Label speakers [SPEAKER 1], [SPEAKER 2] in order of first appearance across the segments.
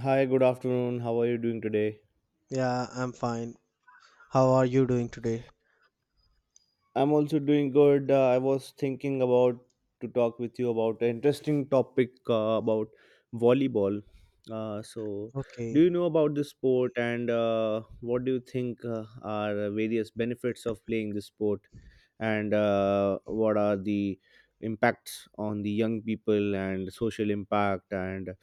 [SPEAKER 1] Hi, good afternoon. How are you doing today?
[SPEAKER 2] Yeah, I'm fine. How are you doing today?
[SPEAKER 1] I'm also doing good. I was thinking about to talk with you about an interesting topic about volleyball. Uh, so, do
[SPEAKER 2] Okay.
[SPEAKER 1] you know about this sport and what do you think are various benefits of playing this sport and what are the impacts on the young people and social impact and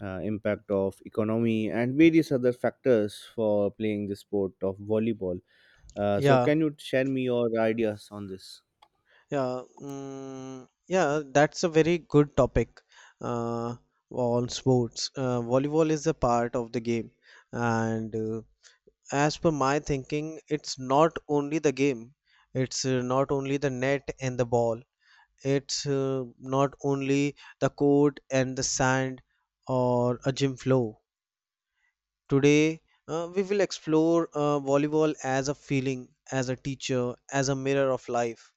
[SPEAKER 1] impact of economy and various other factors for playing the sport of volleyball?
[SPEAKER 2] Yeah,
[SPEAKER 1] Can you share me your ideas on this?
[SPEAKER 2] yeah, yeah, that's a very good topic uh, on sports. Volleyball is a part of the game, and as per my thinking, it's not only the game, it's not only the net and the ball, it's not only the court and the sand or a gym floor. Today, we will explore volleyball as a feeling, as a teacher, as a mirror of life.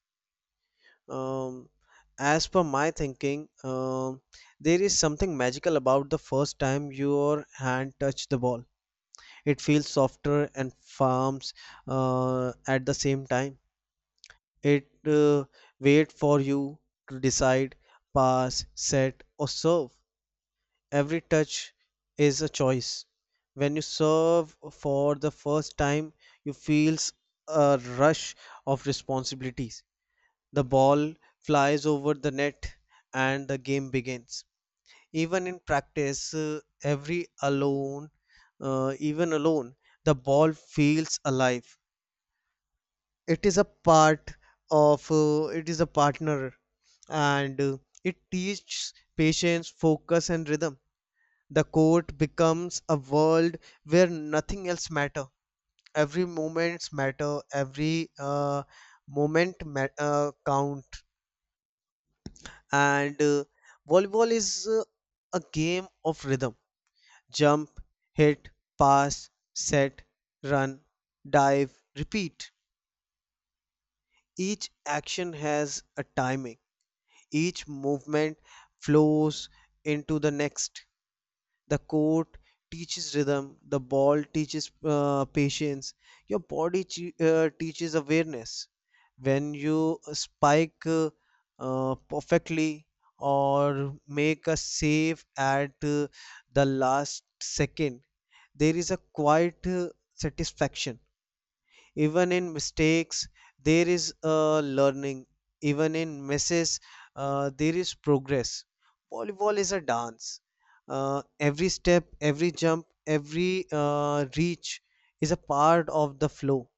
[SPEAKER 2] Um, as per my thinking, there is something magical about the first time your hand touched the ball. It feels softer and firms at the same time. It wait for you to decide, pass, set, or serve. Every touch is a choice. When you serve for the first time, you feel a rush of responsibilities. The ball flies over the net and the game begins. Even in practice, even alone, the ball feels alive. It is a part of, it is a partner and it teaches patience, focus, and rhythm. The court becomes a world where nothing else matter. Every moments matter. Every moment count. And volleyball is a game of rhythm. Jump, hit, pass, set, run, dive, repeat. Each action has a timing. Each movement flows into the next. The court teaches rhythm, the ball teaches patience, your body teaches awareness. When you spike perfectly or make a save at the last second, there is a quiet satisfaction. Even in mistakes there is learning, even in messes there is progress. Volleyball is a dance. Every step, every jump, every reach is a part of the flow.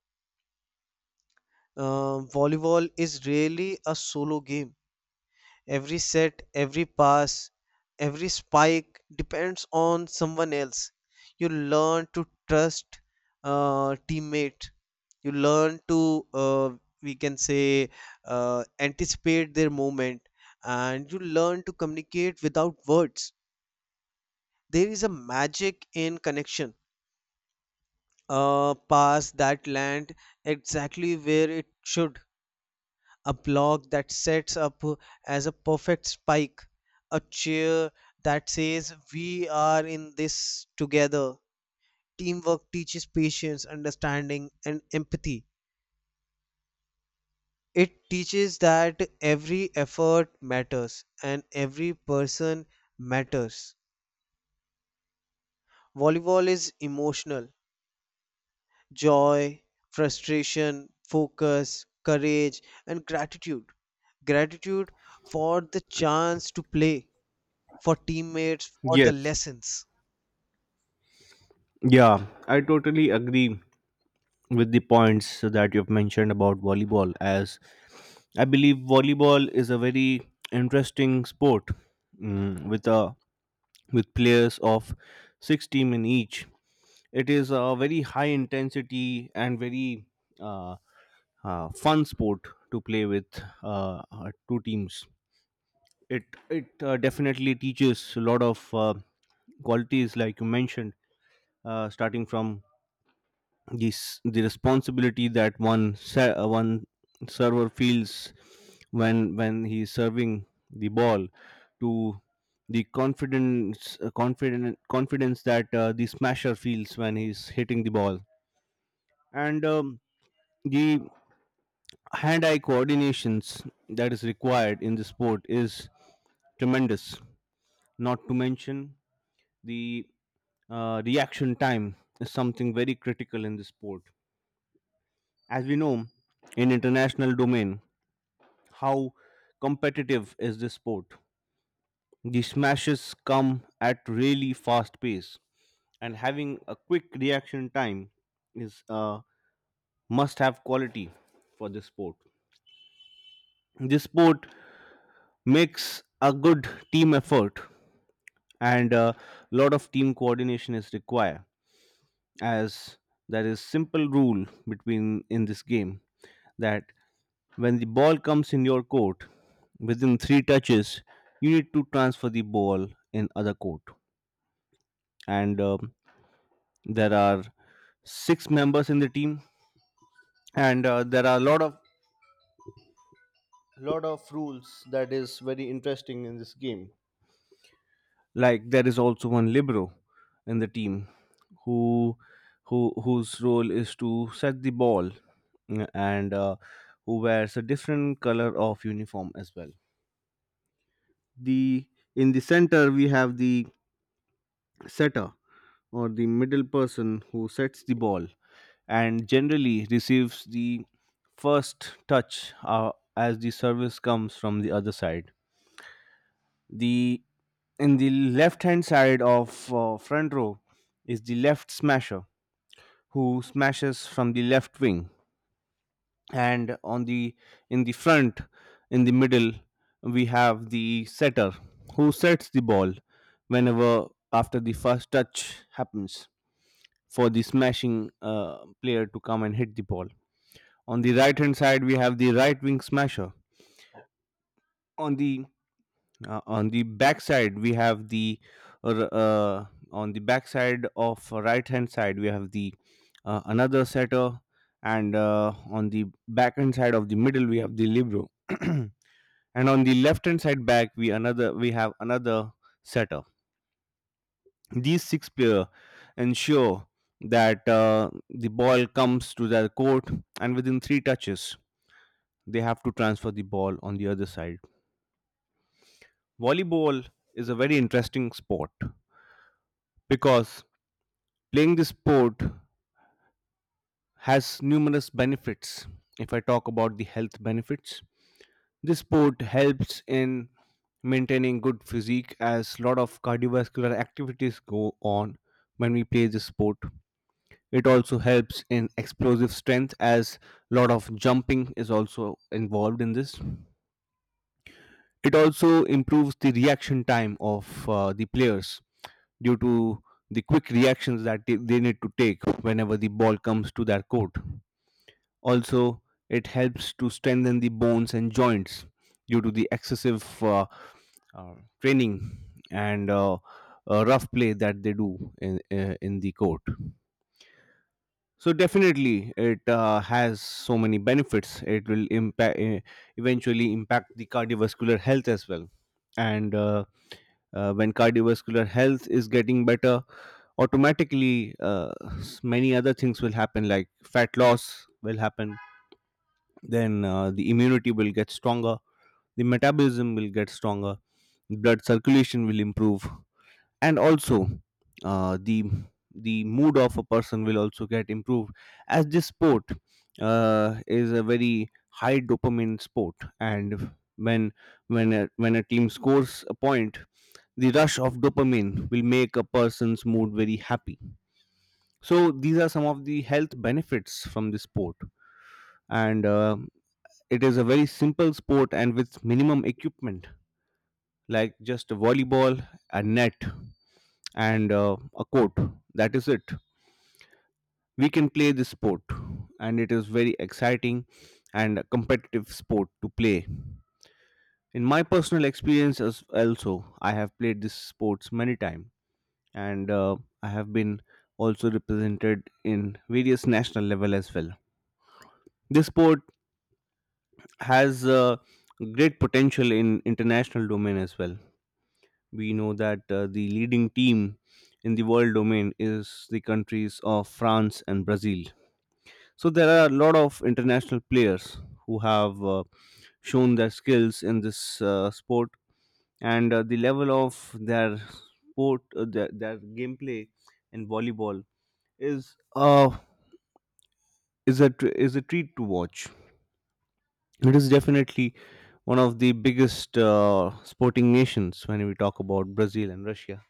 [SPEAKER 2] Volleyball is really a solo game. Every set, every pass, every spike depends on someone else. You learn to trust teammate. You learn to we can say anticipate their movement, and you learn to communicate without words. There is a magic in connection. A pass that land exactly where it should, a block that sets up as a perfect spike, a cheer that says, "We are in this together." Teamwork teaches patience, understanding, and empathy. It teaches that every effort matters and every person matters. Volleyball is emotional, joy, frustration, focus, courage, and gratitude. Gratitude for the chance to play, for teammates, for the
[SPEAKER 1] Yes.
[SPEAKER 2] lessons.
[SPEAKER 1] Yeah, I totally agree with the points that you've mentioned about volleyball, as I believe volleyball is a very interesting sport, mm, with a with players of 6 team in each. It is a very high intensity and very uh, fun sport to play with two teams. It it definitely teaches a lot of qualities like you mentioned, starting from this the responsibility that one server feels when he's serving the ball to the confidence, confident confidence that the smasher feels when he's hitting the ball, and the hand eye coordinations that is required in the sport is tremendous, not to mention the reaction time is something very critical in the sport. As we know, in international domain, how competitive is this sport? The smashes come at really fast pace, and having a quick reaction time is a must-have quality for this sport. This sport makes a good team effort, and a lot of team coordination is required, as there is simple rule between in this game that when the ball comes in your court, within three touches, you need to transfer the ball in other court. And there are six members in the team, and there are a lot of rules that is very interesting in this game. Like there is also one libero in the team who whose role is to set the ball, mm, and who wears a different color of uniform as well. The in the center we have the setter or the middle person who sets the ball and generally receives the first touch, as the service comes from the other side. The in the left hand side of front row is the left smasher who smashes from the left wing, and on the in the front in the middle we have the setter who sets the ball whenever after the first touch happens for the smashing player to come and hit the ball. On the right hand side, we have the right wing smasher. On the on the back side, we have the uh, uh, on the back side of right hand side, we have the another setter, and on the back hand side of the middle, we have the libero, and on the left hand side back, we have another setter. These six players ensure that the ball comes to their court, and within three touches, they have to transfer the ball on the other side. Volleyball is a very interesting sport because playing this sport has numerous benefits. If I talk about the health benefits, this sport helps in maintaining good physique as lot of cardiovascular activities go on when we play this sport. It also helps in explosive strength as lot of jumping is also involved in this. It also improves the reaction time of the players due to the quick reactions that they need to take whenever the ball comes to their court. Also, it helps to strengthen the bones and joints due to the excessive uh, training and rough play that they do in the court. So definitely, it has so many benefits. It will impact eventually impact the cardiovascular health as well. And when cardiovascular health is getting better, automatically, many other things will happen, like fat loss will happen. Then the immunity will get stronger. The metabolism will get stronger. Blood circulation will improve, and also the mood of a person will also get improved, as this sport is a very high dopamine sport. And when when a team scores a point, the rush of dopamine will make a person's mood very happy. So these are some of the health benefits from this sport. And it is a very simple sport and with minimum equipment, like just a volleyball, a net, and a court. That is it. We can play this sport, and it is very exciting and a competitive sport to play. In my personal experience as also, I have played this sports many times, and I have been also represented in various national level as well. This sport has great potential in international domain as well. We know that the leading team in the world domain is the countries of France and Brazil. So there are a lot of international players who have shown their skills in this sport, and the level of their sport, their gameplay in volleyball is is a treat to watch. It is definitely one of the biggest sporting nations when we talk about Brazil and Russia.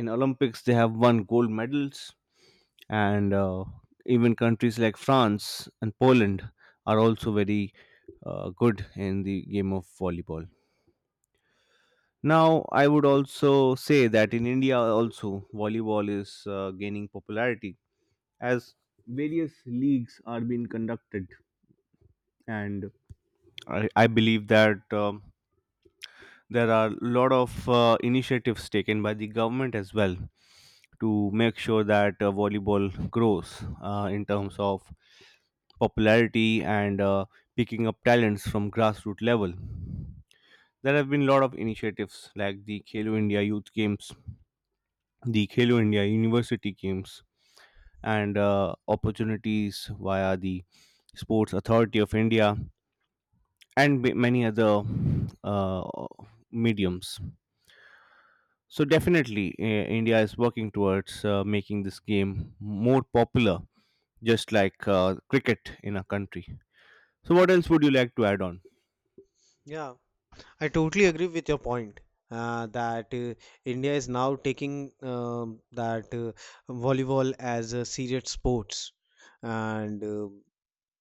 [SPEAKER 1] In olympics they have won gold medals, and even countries like France and Poland are also very good in the game of volleyball. Now I would also say that in India also, volleyball is gaining popularity, as various leagues are being conducted. And I believe that there are a lot of initiatives taken by the government as well to make sure that volleyball grows in terms of popularity and picking up talents from grassroots level. There have been a lot of initiatives like the Khelo India Youth Games, the Khelo India University Games, and opportunities via the Sports Authority of India and many other uh, mediums. So definitely, India is working towards making this game more popular, just like cricket in a country. So what else would you like to add on?
[SPEAKER 2] Yeah, I totally agree with your point that India is now taking that volleyball as a serious sports, and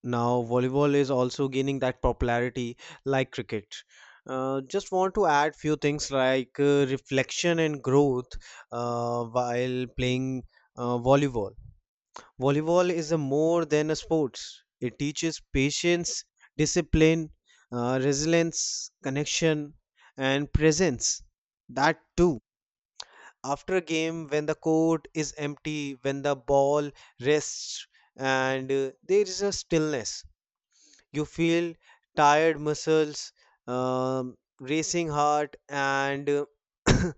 [SPEAKER 2] now volleyball is also gaining that popularity like cricket. Just want to add few things like reflection and growth while playing volleyball. Volleyball is a more than a sport. It teaches patience, discipline, resilience, connection, and presence. That too. After a game, when the court is empty, when the ball rests, and there is a stillness, you feel tired muscles, racing heart, and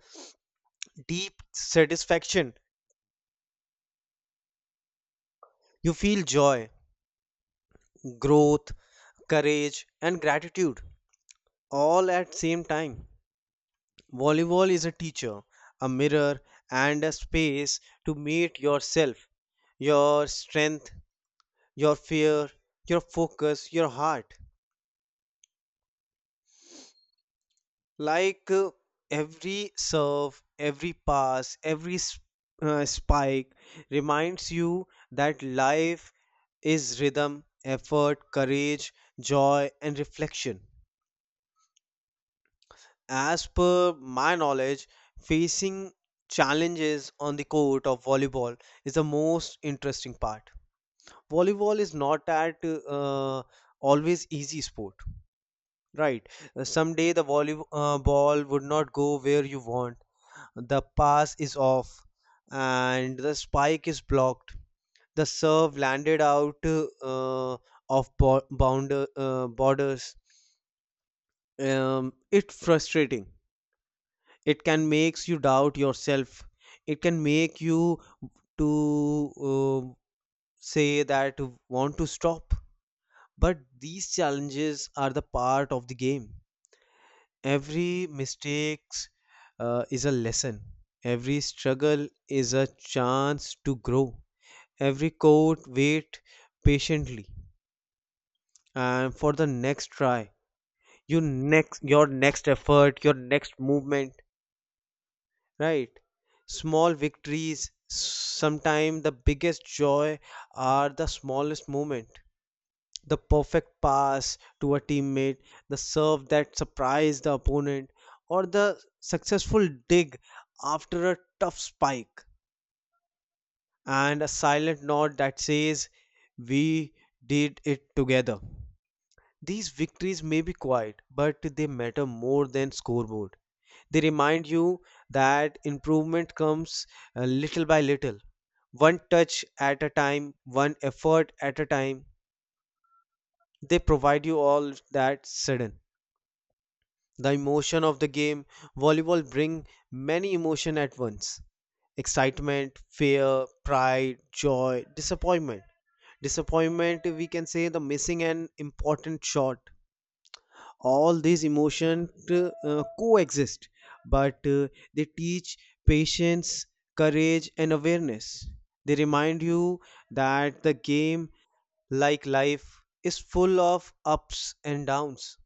[SPEAKER 2] deep satisfaction. You feel joy, growth, courage, and gratitude, all at same time. Volleyball is a teacher, a mirror, and a space to meet yourself, your strength, your fear, your focus, your heart. Like every serve, every pass, spike reminds you that life is rhythm, effort, courage, joy, and reflection. As per my knowledge, facing challenges on the court of volleyball is the most interesting part. Volleyball is not at always easy sport, right? Someday the volleyball ball would not go where you want. The pass is off, and the spike is blocked. The serve landed out of borders. It's frustrating, it can makes you doubt yourself, it can make you to uh, say that want to stop. But these challenges are the part of the game. Every mistakes is a lesson, every struggle is a chance to grow, every code wait patiently and for the next try, you next your next effort, your next movement, right? Small victories, sometimes the biggest joy are the smallest moment. The perfect pass to a teammate, the serve that surprised the opponent, or the successful dig after a tough spike, and a silent nod that says, "We did it together." These victories may be quiet, but they matter more than scoreboard. They remind you that improvement comes little by little, one touch at a time, one effort at a time. They provide you all that sudden. The emotion of the game, volleyball bring many emotion at once. Excitement, fear, pride, joy, disappointment. Disappointment, we can say the missing an important shot, all these emotions coexist, but they teach patience, courage, and awareness. They remind you that the game, like life, is full of ups and downs.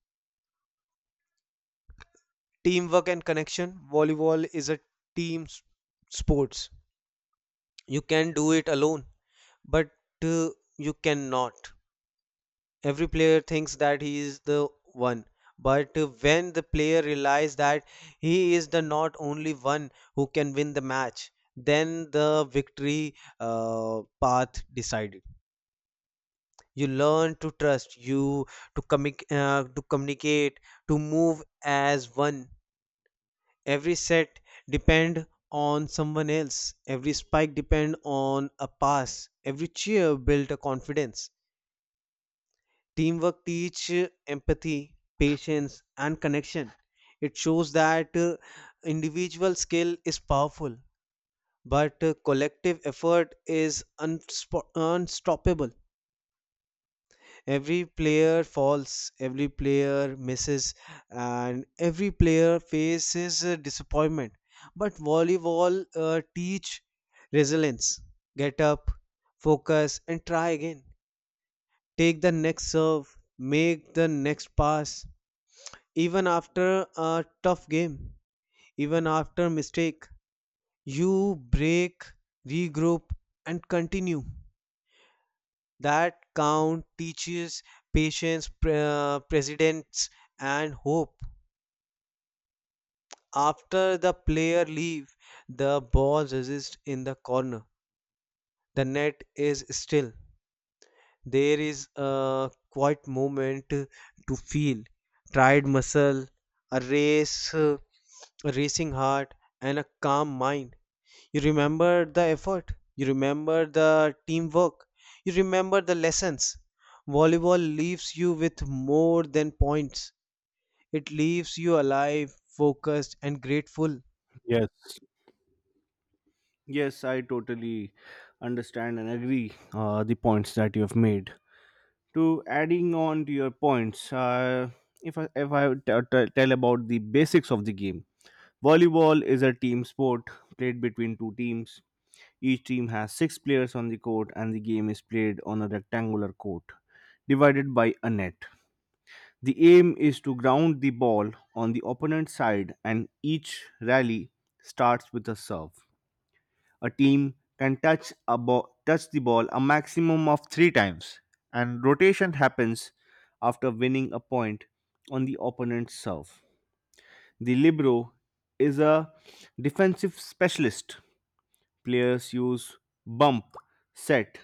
[SPEAKER 2] Teamwork and connection, volleyball is a team s- sports. You can do it alone, but uh, you cannot. Every player thinks that he is the one, but when the player realizes that he is the not only one who can win the match, then the victory path decided. You learn to trust you, to commic to communicate, to move as one. Every set depend on someone else, every spike depend on a pass, every cheer built a confidence. Teamwork teach empathy, patience, and connection. It shows that individual skill is powerful, but collective effort is unspo- unstoppable. Every player falls, every player misses, and every player faces disappointment. But volleyball teach resilience. Get up, focus, and try again. Take the next serve, make the next pass, even after a tough game, even after mistake, you break, regroup, and continue. That count teaches patience, precedence, and hope. After the player leave, the ball resists in the corner. The net is still. There is a quiet moment to feel tired muscle, a racing heart, and a calm mind. You remember the effort, you remember the teamwork, you remember the lessons. Volleyball leaves you with more than points, it leaves you alive, focused, and grateful.
[SPEAKER 1] Yes, yes, I totally understand and agree the points that you have made. To adding on to your points, if I tell about the basics of the game, volleyball is a team sport played between two teams. Each team has six players on the court, and the game is played on a rectangular court divided by a net. The aim is to ground the ball on the opponent's side, and each rally starts with a serve. A team can touch the ball a maximum of three times, and rotation happens after winning a point on the opponent's serve. The libero is a defensive specialist. Players use bump, set,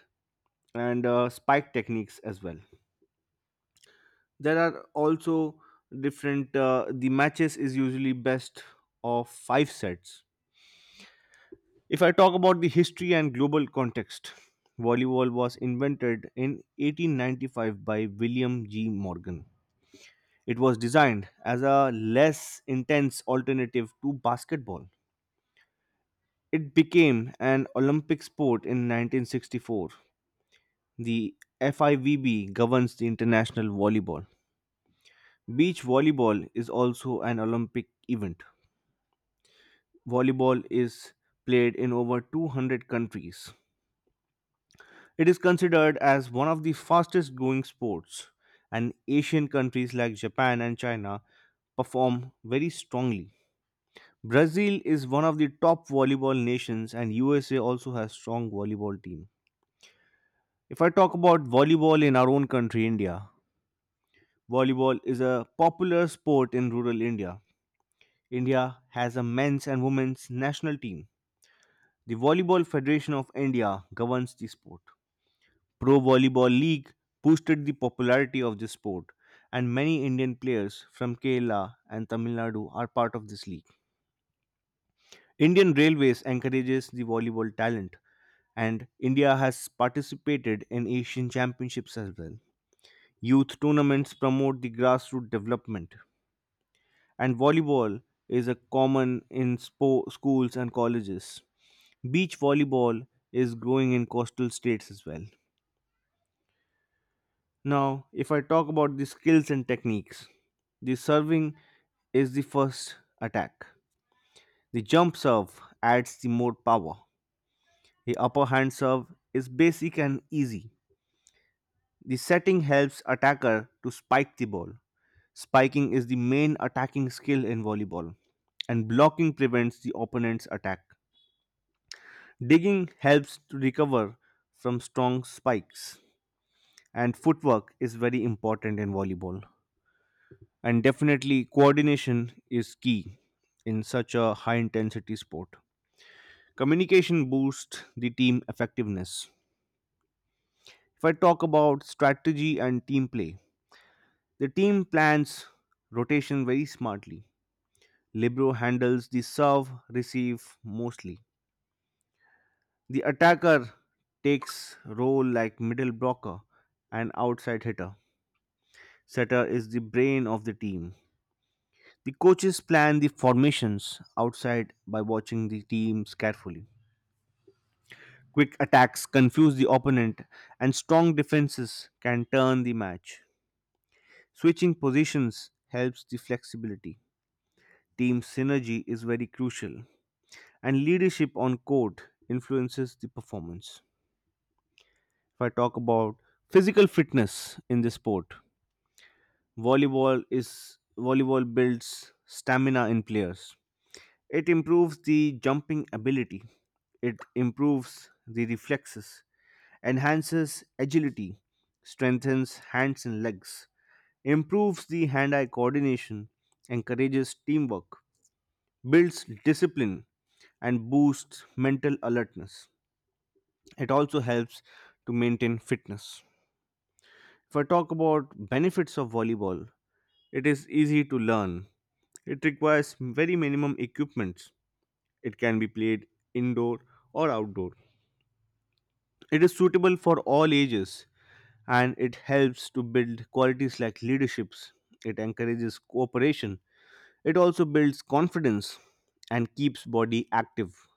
[SPEAKER 1] and spike techniques as well. There are also different, the matches is usually best of five sets. If I talk about the history and global context, volleyball was invented in 1895 by William G Morgan. It was designed as a less intense alternative to basketball. It became an olympic sport in 1964. The fivb governs the international volleyball. Beach volleyball is also an olympic event. Volleyball is played in over 200 countries. It is considered as one of the fastest growing sports, and Asian countries like Japan and China perform very strongly. Brazil is one of the top volleyball nations, and USA also has strong volleyball team. If I talk about volleyball in our own country, India, volleyball is a popular sport in rural India. India has a men's and women's national team. The Volleyball Federation of India governs the sport. Pro Volleyball League boosted the popularity of this sport, and many Indian players from Kerala and Tamil Nadu are part of this league. Indian Railways encourages the volleyball talent, and India has participated in Asian Championships as well. Youth tournaments promote the grassroots development, and volleyball is a common in schools and colleges. Beach volleyball is growing in coastal states as well. Now, if I talk about the skills and techniques, the serving is the first attack. The jump serve adds the more power. The upper hand serve is basic and easy. The setting helps attacker to spike the ball. Spiking is the main attacking skill in volleyball, and blocking prevents the opponent's attack. Digging helps to recover from strong spikes, and footwork is very important in volleyball. And definitely coordination is key in such a high intensity sport. Communication boosts the team effectiveness. If I talk about strategy and team play, the team plans rotation very smartly. Libro handles the serve receive mostly. The attacker takes role like middle blocker and outside hitter. Setter is the brain of the team. The coaches plan the formations outside by watching the teams carefully. Quick attacks confuse the opponent, and strong defenses can turn the match. Switching positions helps the flexibility. Team synergy is very crucial, and leadership on court influences the performance. If I talk about physical fitness in this sport, volleyball builds stamina in players. It improves the jumping ability. It improves the reflexes, enhances agility, strengthens hands and legs, improves the hand eye coordination, encourages teamwork, builds discipline, and boosts mental alertness. It also helps to maintain fitness. If I talk about benefits of volleyball, it is easy to learn. It requires very minimum equipment. It can be played indoor or outdoor. It is suitable for all ages, and it helps to build qualities like leaderships. It encourages cooperation. It also builds confidence and keeps body active,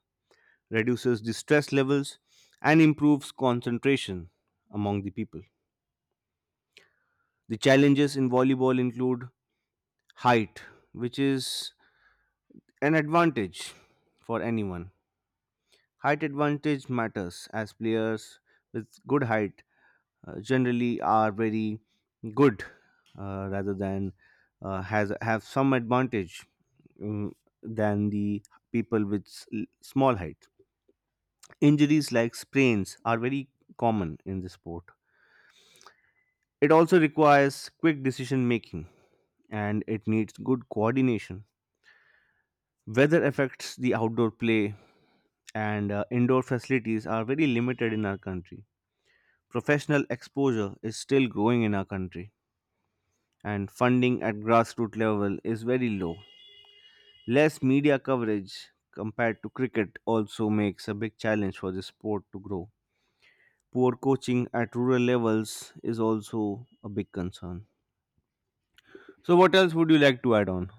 [SPEAKER 1] reduces the stress levels and improves concentration among the people. The challenges in volleyball include height, which is an advantage for anyone. Height advantage matters as players with good height generally are very good, rather than, has have some advantage, mm, than the people with small height. Injuries like sprains are very common in the sport. It also requires quick decision making, and it needs good coordination. Weather affects the outdoor play, and indoor facilities are very limited in our country. Professional exposure is still growing in our country, and funding at grassroots level is very low. Less media coverage compared to cricket also makes a big challenge for the sport to grow. Poor coaching at rural levels is also a big concern. So, what else would you like to add on?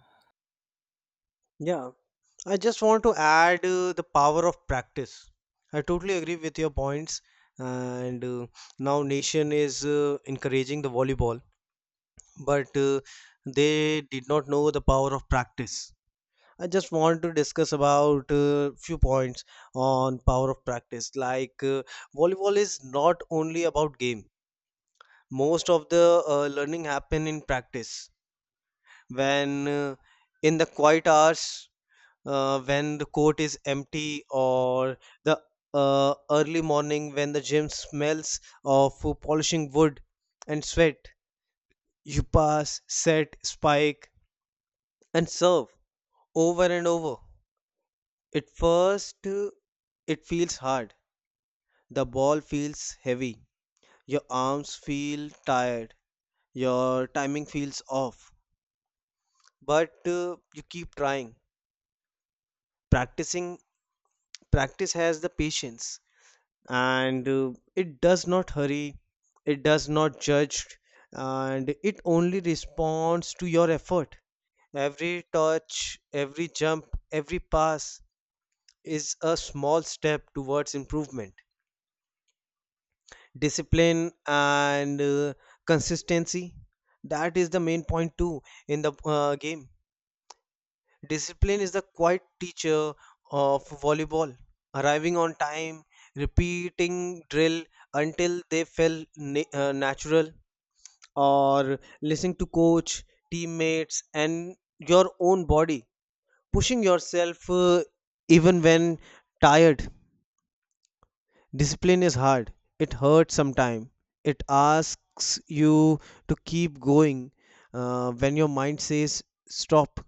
[SPEAKER 2] Yeah, I just want to add the power of practice. I totally agree with your points, and now nation is encouraging the volleyball, but they did not know the power of practice. I just want to discuss about few points on power of practice. Like volleyball is not only about game. Most of the learning happen in practice. When in the quiet hours, when the court is empty, or the early morning when the gym smells of polishing wood and sweat, you pass, set, spike, and serve over and over. At first, it feels hard. The ball feels heavy. Your arms feel tired. Your timing feels off. But you keep trying. Practicing practice has the patience and it does not hurry. It does not judge and it only responds to your effort. Every touch, every jump, every pass is a small step towards improvement. Discipline and consistency, that is the main point too in the game. Discipline is the quiet teacher of volleyball, arriving on time, repeating drill until they felt natural, or listening to coach, teammates, and your own body, pushing yourself even when tired. Discipline is hard. It hurts sometimes. It asks you to keep going when your mind says stop.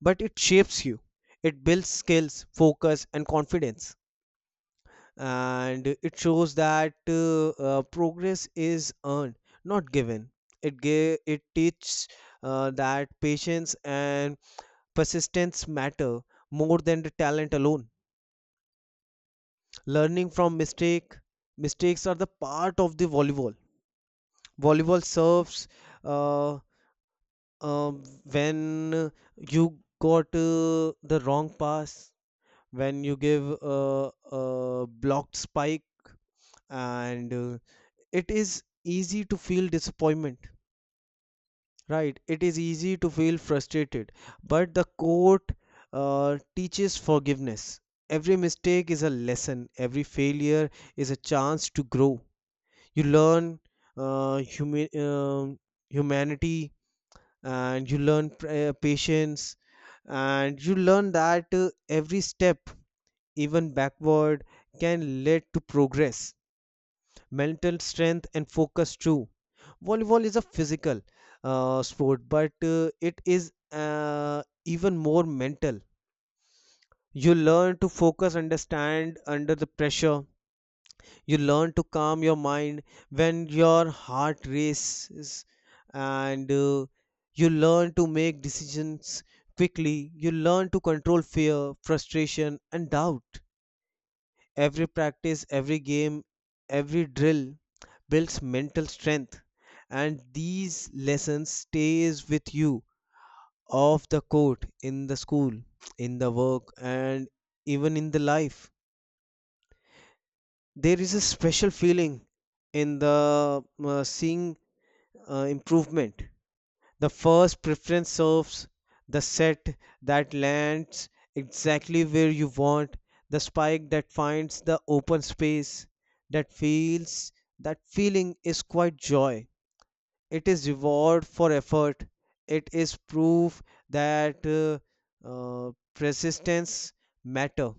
[SPEAKER 2] But it shapes you. It builds skills, focus, and confidence. And it shows that progress is earned, not given. It gave, it teaches that patience and persistence matter more than the talent alone. Learning from mistake, mistakes are the part of the volleyball. Volleyball serves uh, uh, when you got the wrong pass, when you give a blocked spike, and it is easy to feel disappointment, right, it is easy to feel frustrated, but the court teaches forgiveness. Every mistake is a lesson, every failure is a chance to grow. You learn uh, humi- um humanity, and you learn patience, and you learn that every step, even backward, can lead to progress. Mental strength and focus too, volleyball is a physical sport, but it is even more mental. You learn to focus, understand under the pressure. You learn to calm your mind when your heart races and you learn to make decisions quickly. You learn to control fear, frustration, and doubt. Every practice, every game, every drill builds mental strength, and these lessons stays with you off the court, in the school, in the work, and even in the life. There is a special feeling in the seeing improvement. The first preference serves, the set that lands exactly where you want, the spike that finds the open space, that feels that feeling is quite joy, it is reward for effort, it is proof that persistence matter.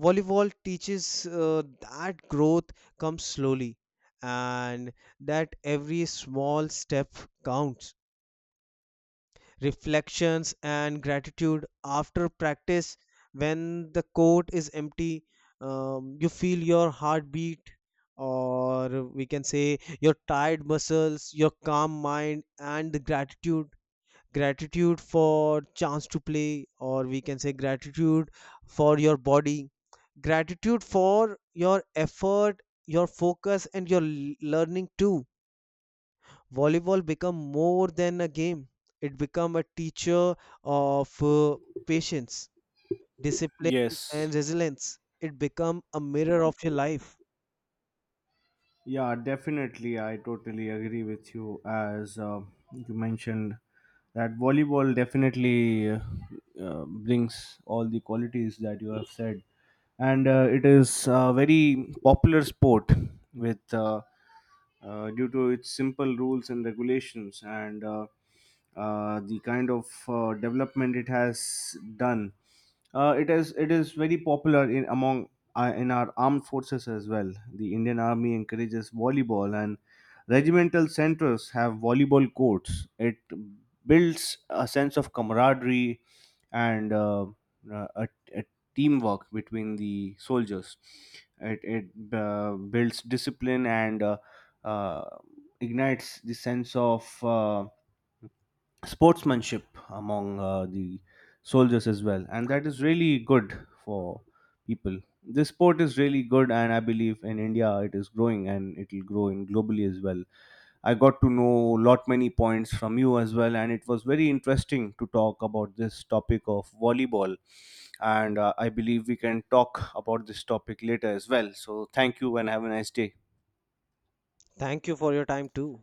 [SPEAKER 2] Volleyball teaches that growth comes slowly, and that every small step counts. Reflections and gratitude after practice, when the court is empty, you feel your heartbeat, or we can say your tired muscles, your calm mind, and the gratitude. Gratitude for chance to play, or we can say gratitude for your body, gratitude for your effort, your focus, and your learning too. Volleyball become more than a game. It become a teacher of patience, discipline,
[SPEAKER 1] Yes.
[SPEAKER 2] and resilience. It become a mirror of your life.
[SPEAKER 1] Yeah, definitely. I totally agree with you. As you mentioned, that volleyball definitely brings all the qualities that you have said. And it is a very popular sport with due to its simple rules and regulations, and the kind of development it has done. It is very popular in among in our armed forces as well. The Indian Army encourages volleyball, and regimental centers have volleyball courts. It builds a sense of camaraderie and uh, a, a teamwork between the soldiers. It builds discipline and uh, ignites the sense of sportsmanship among the soldiers as well, and that is really good for people. This sport is really good, and I believe in India it is growing, and it will grow in globally as well. I got to know lot many points from you as well, and it was very interesting to talk about this topic of volleyball. And I believe we can talk about this topic later as well. So thank you and have a nice day.
[SPEAKER 2] Thank you for your time too.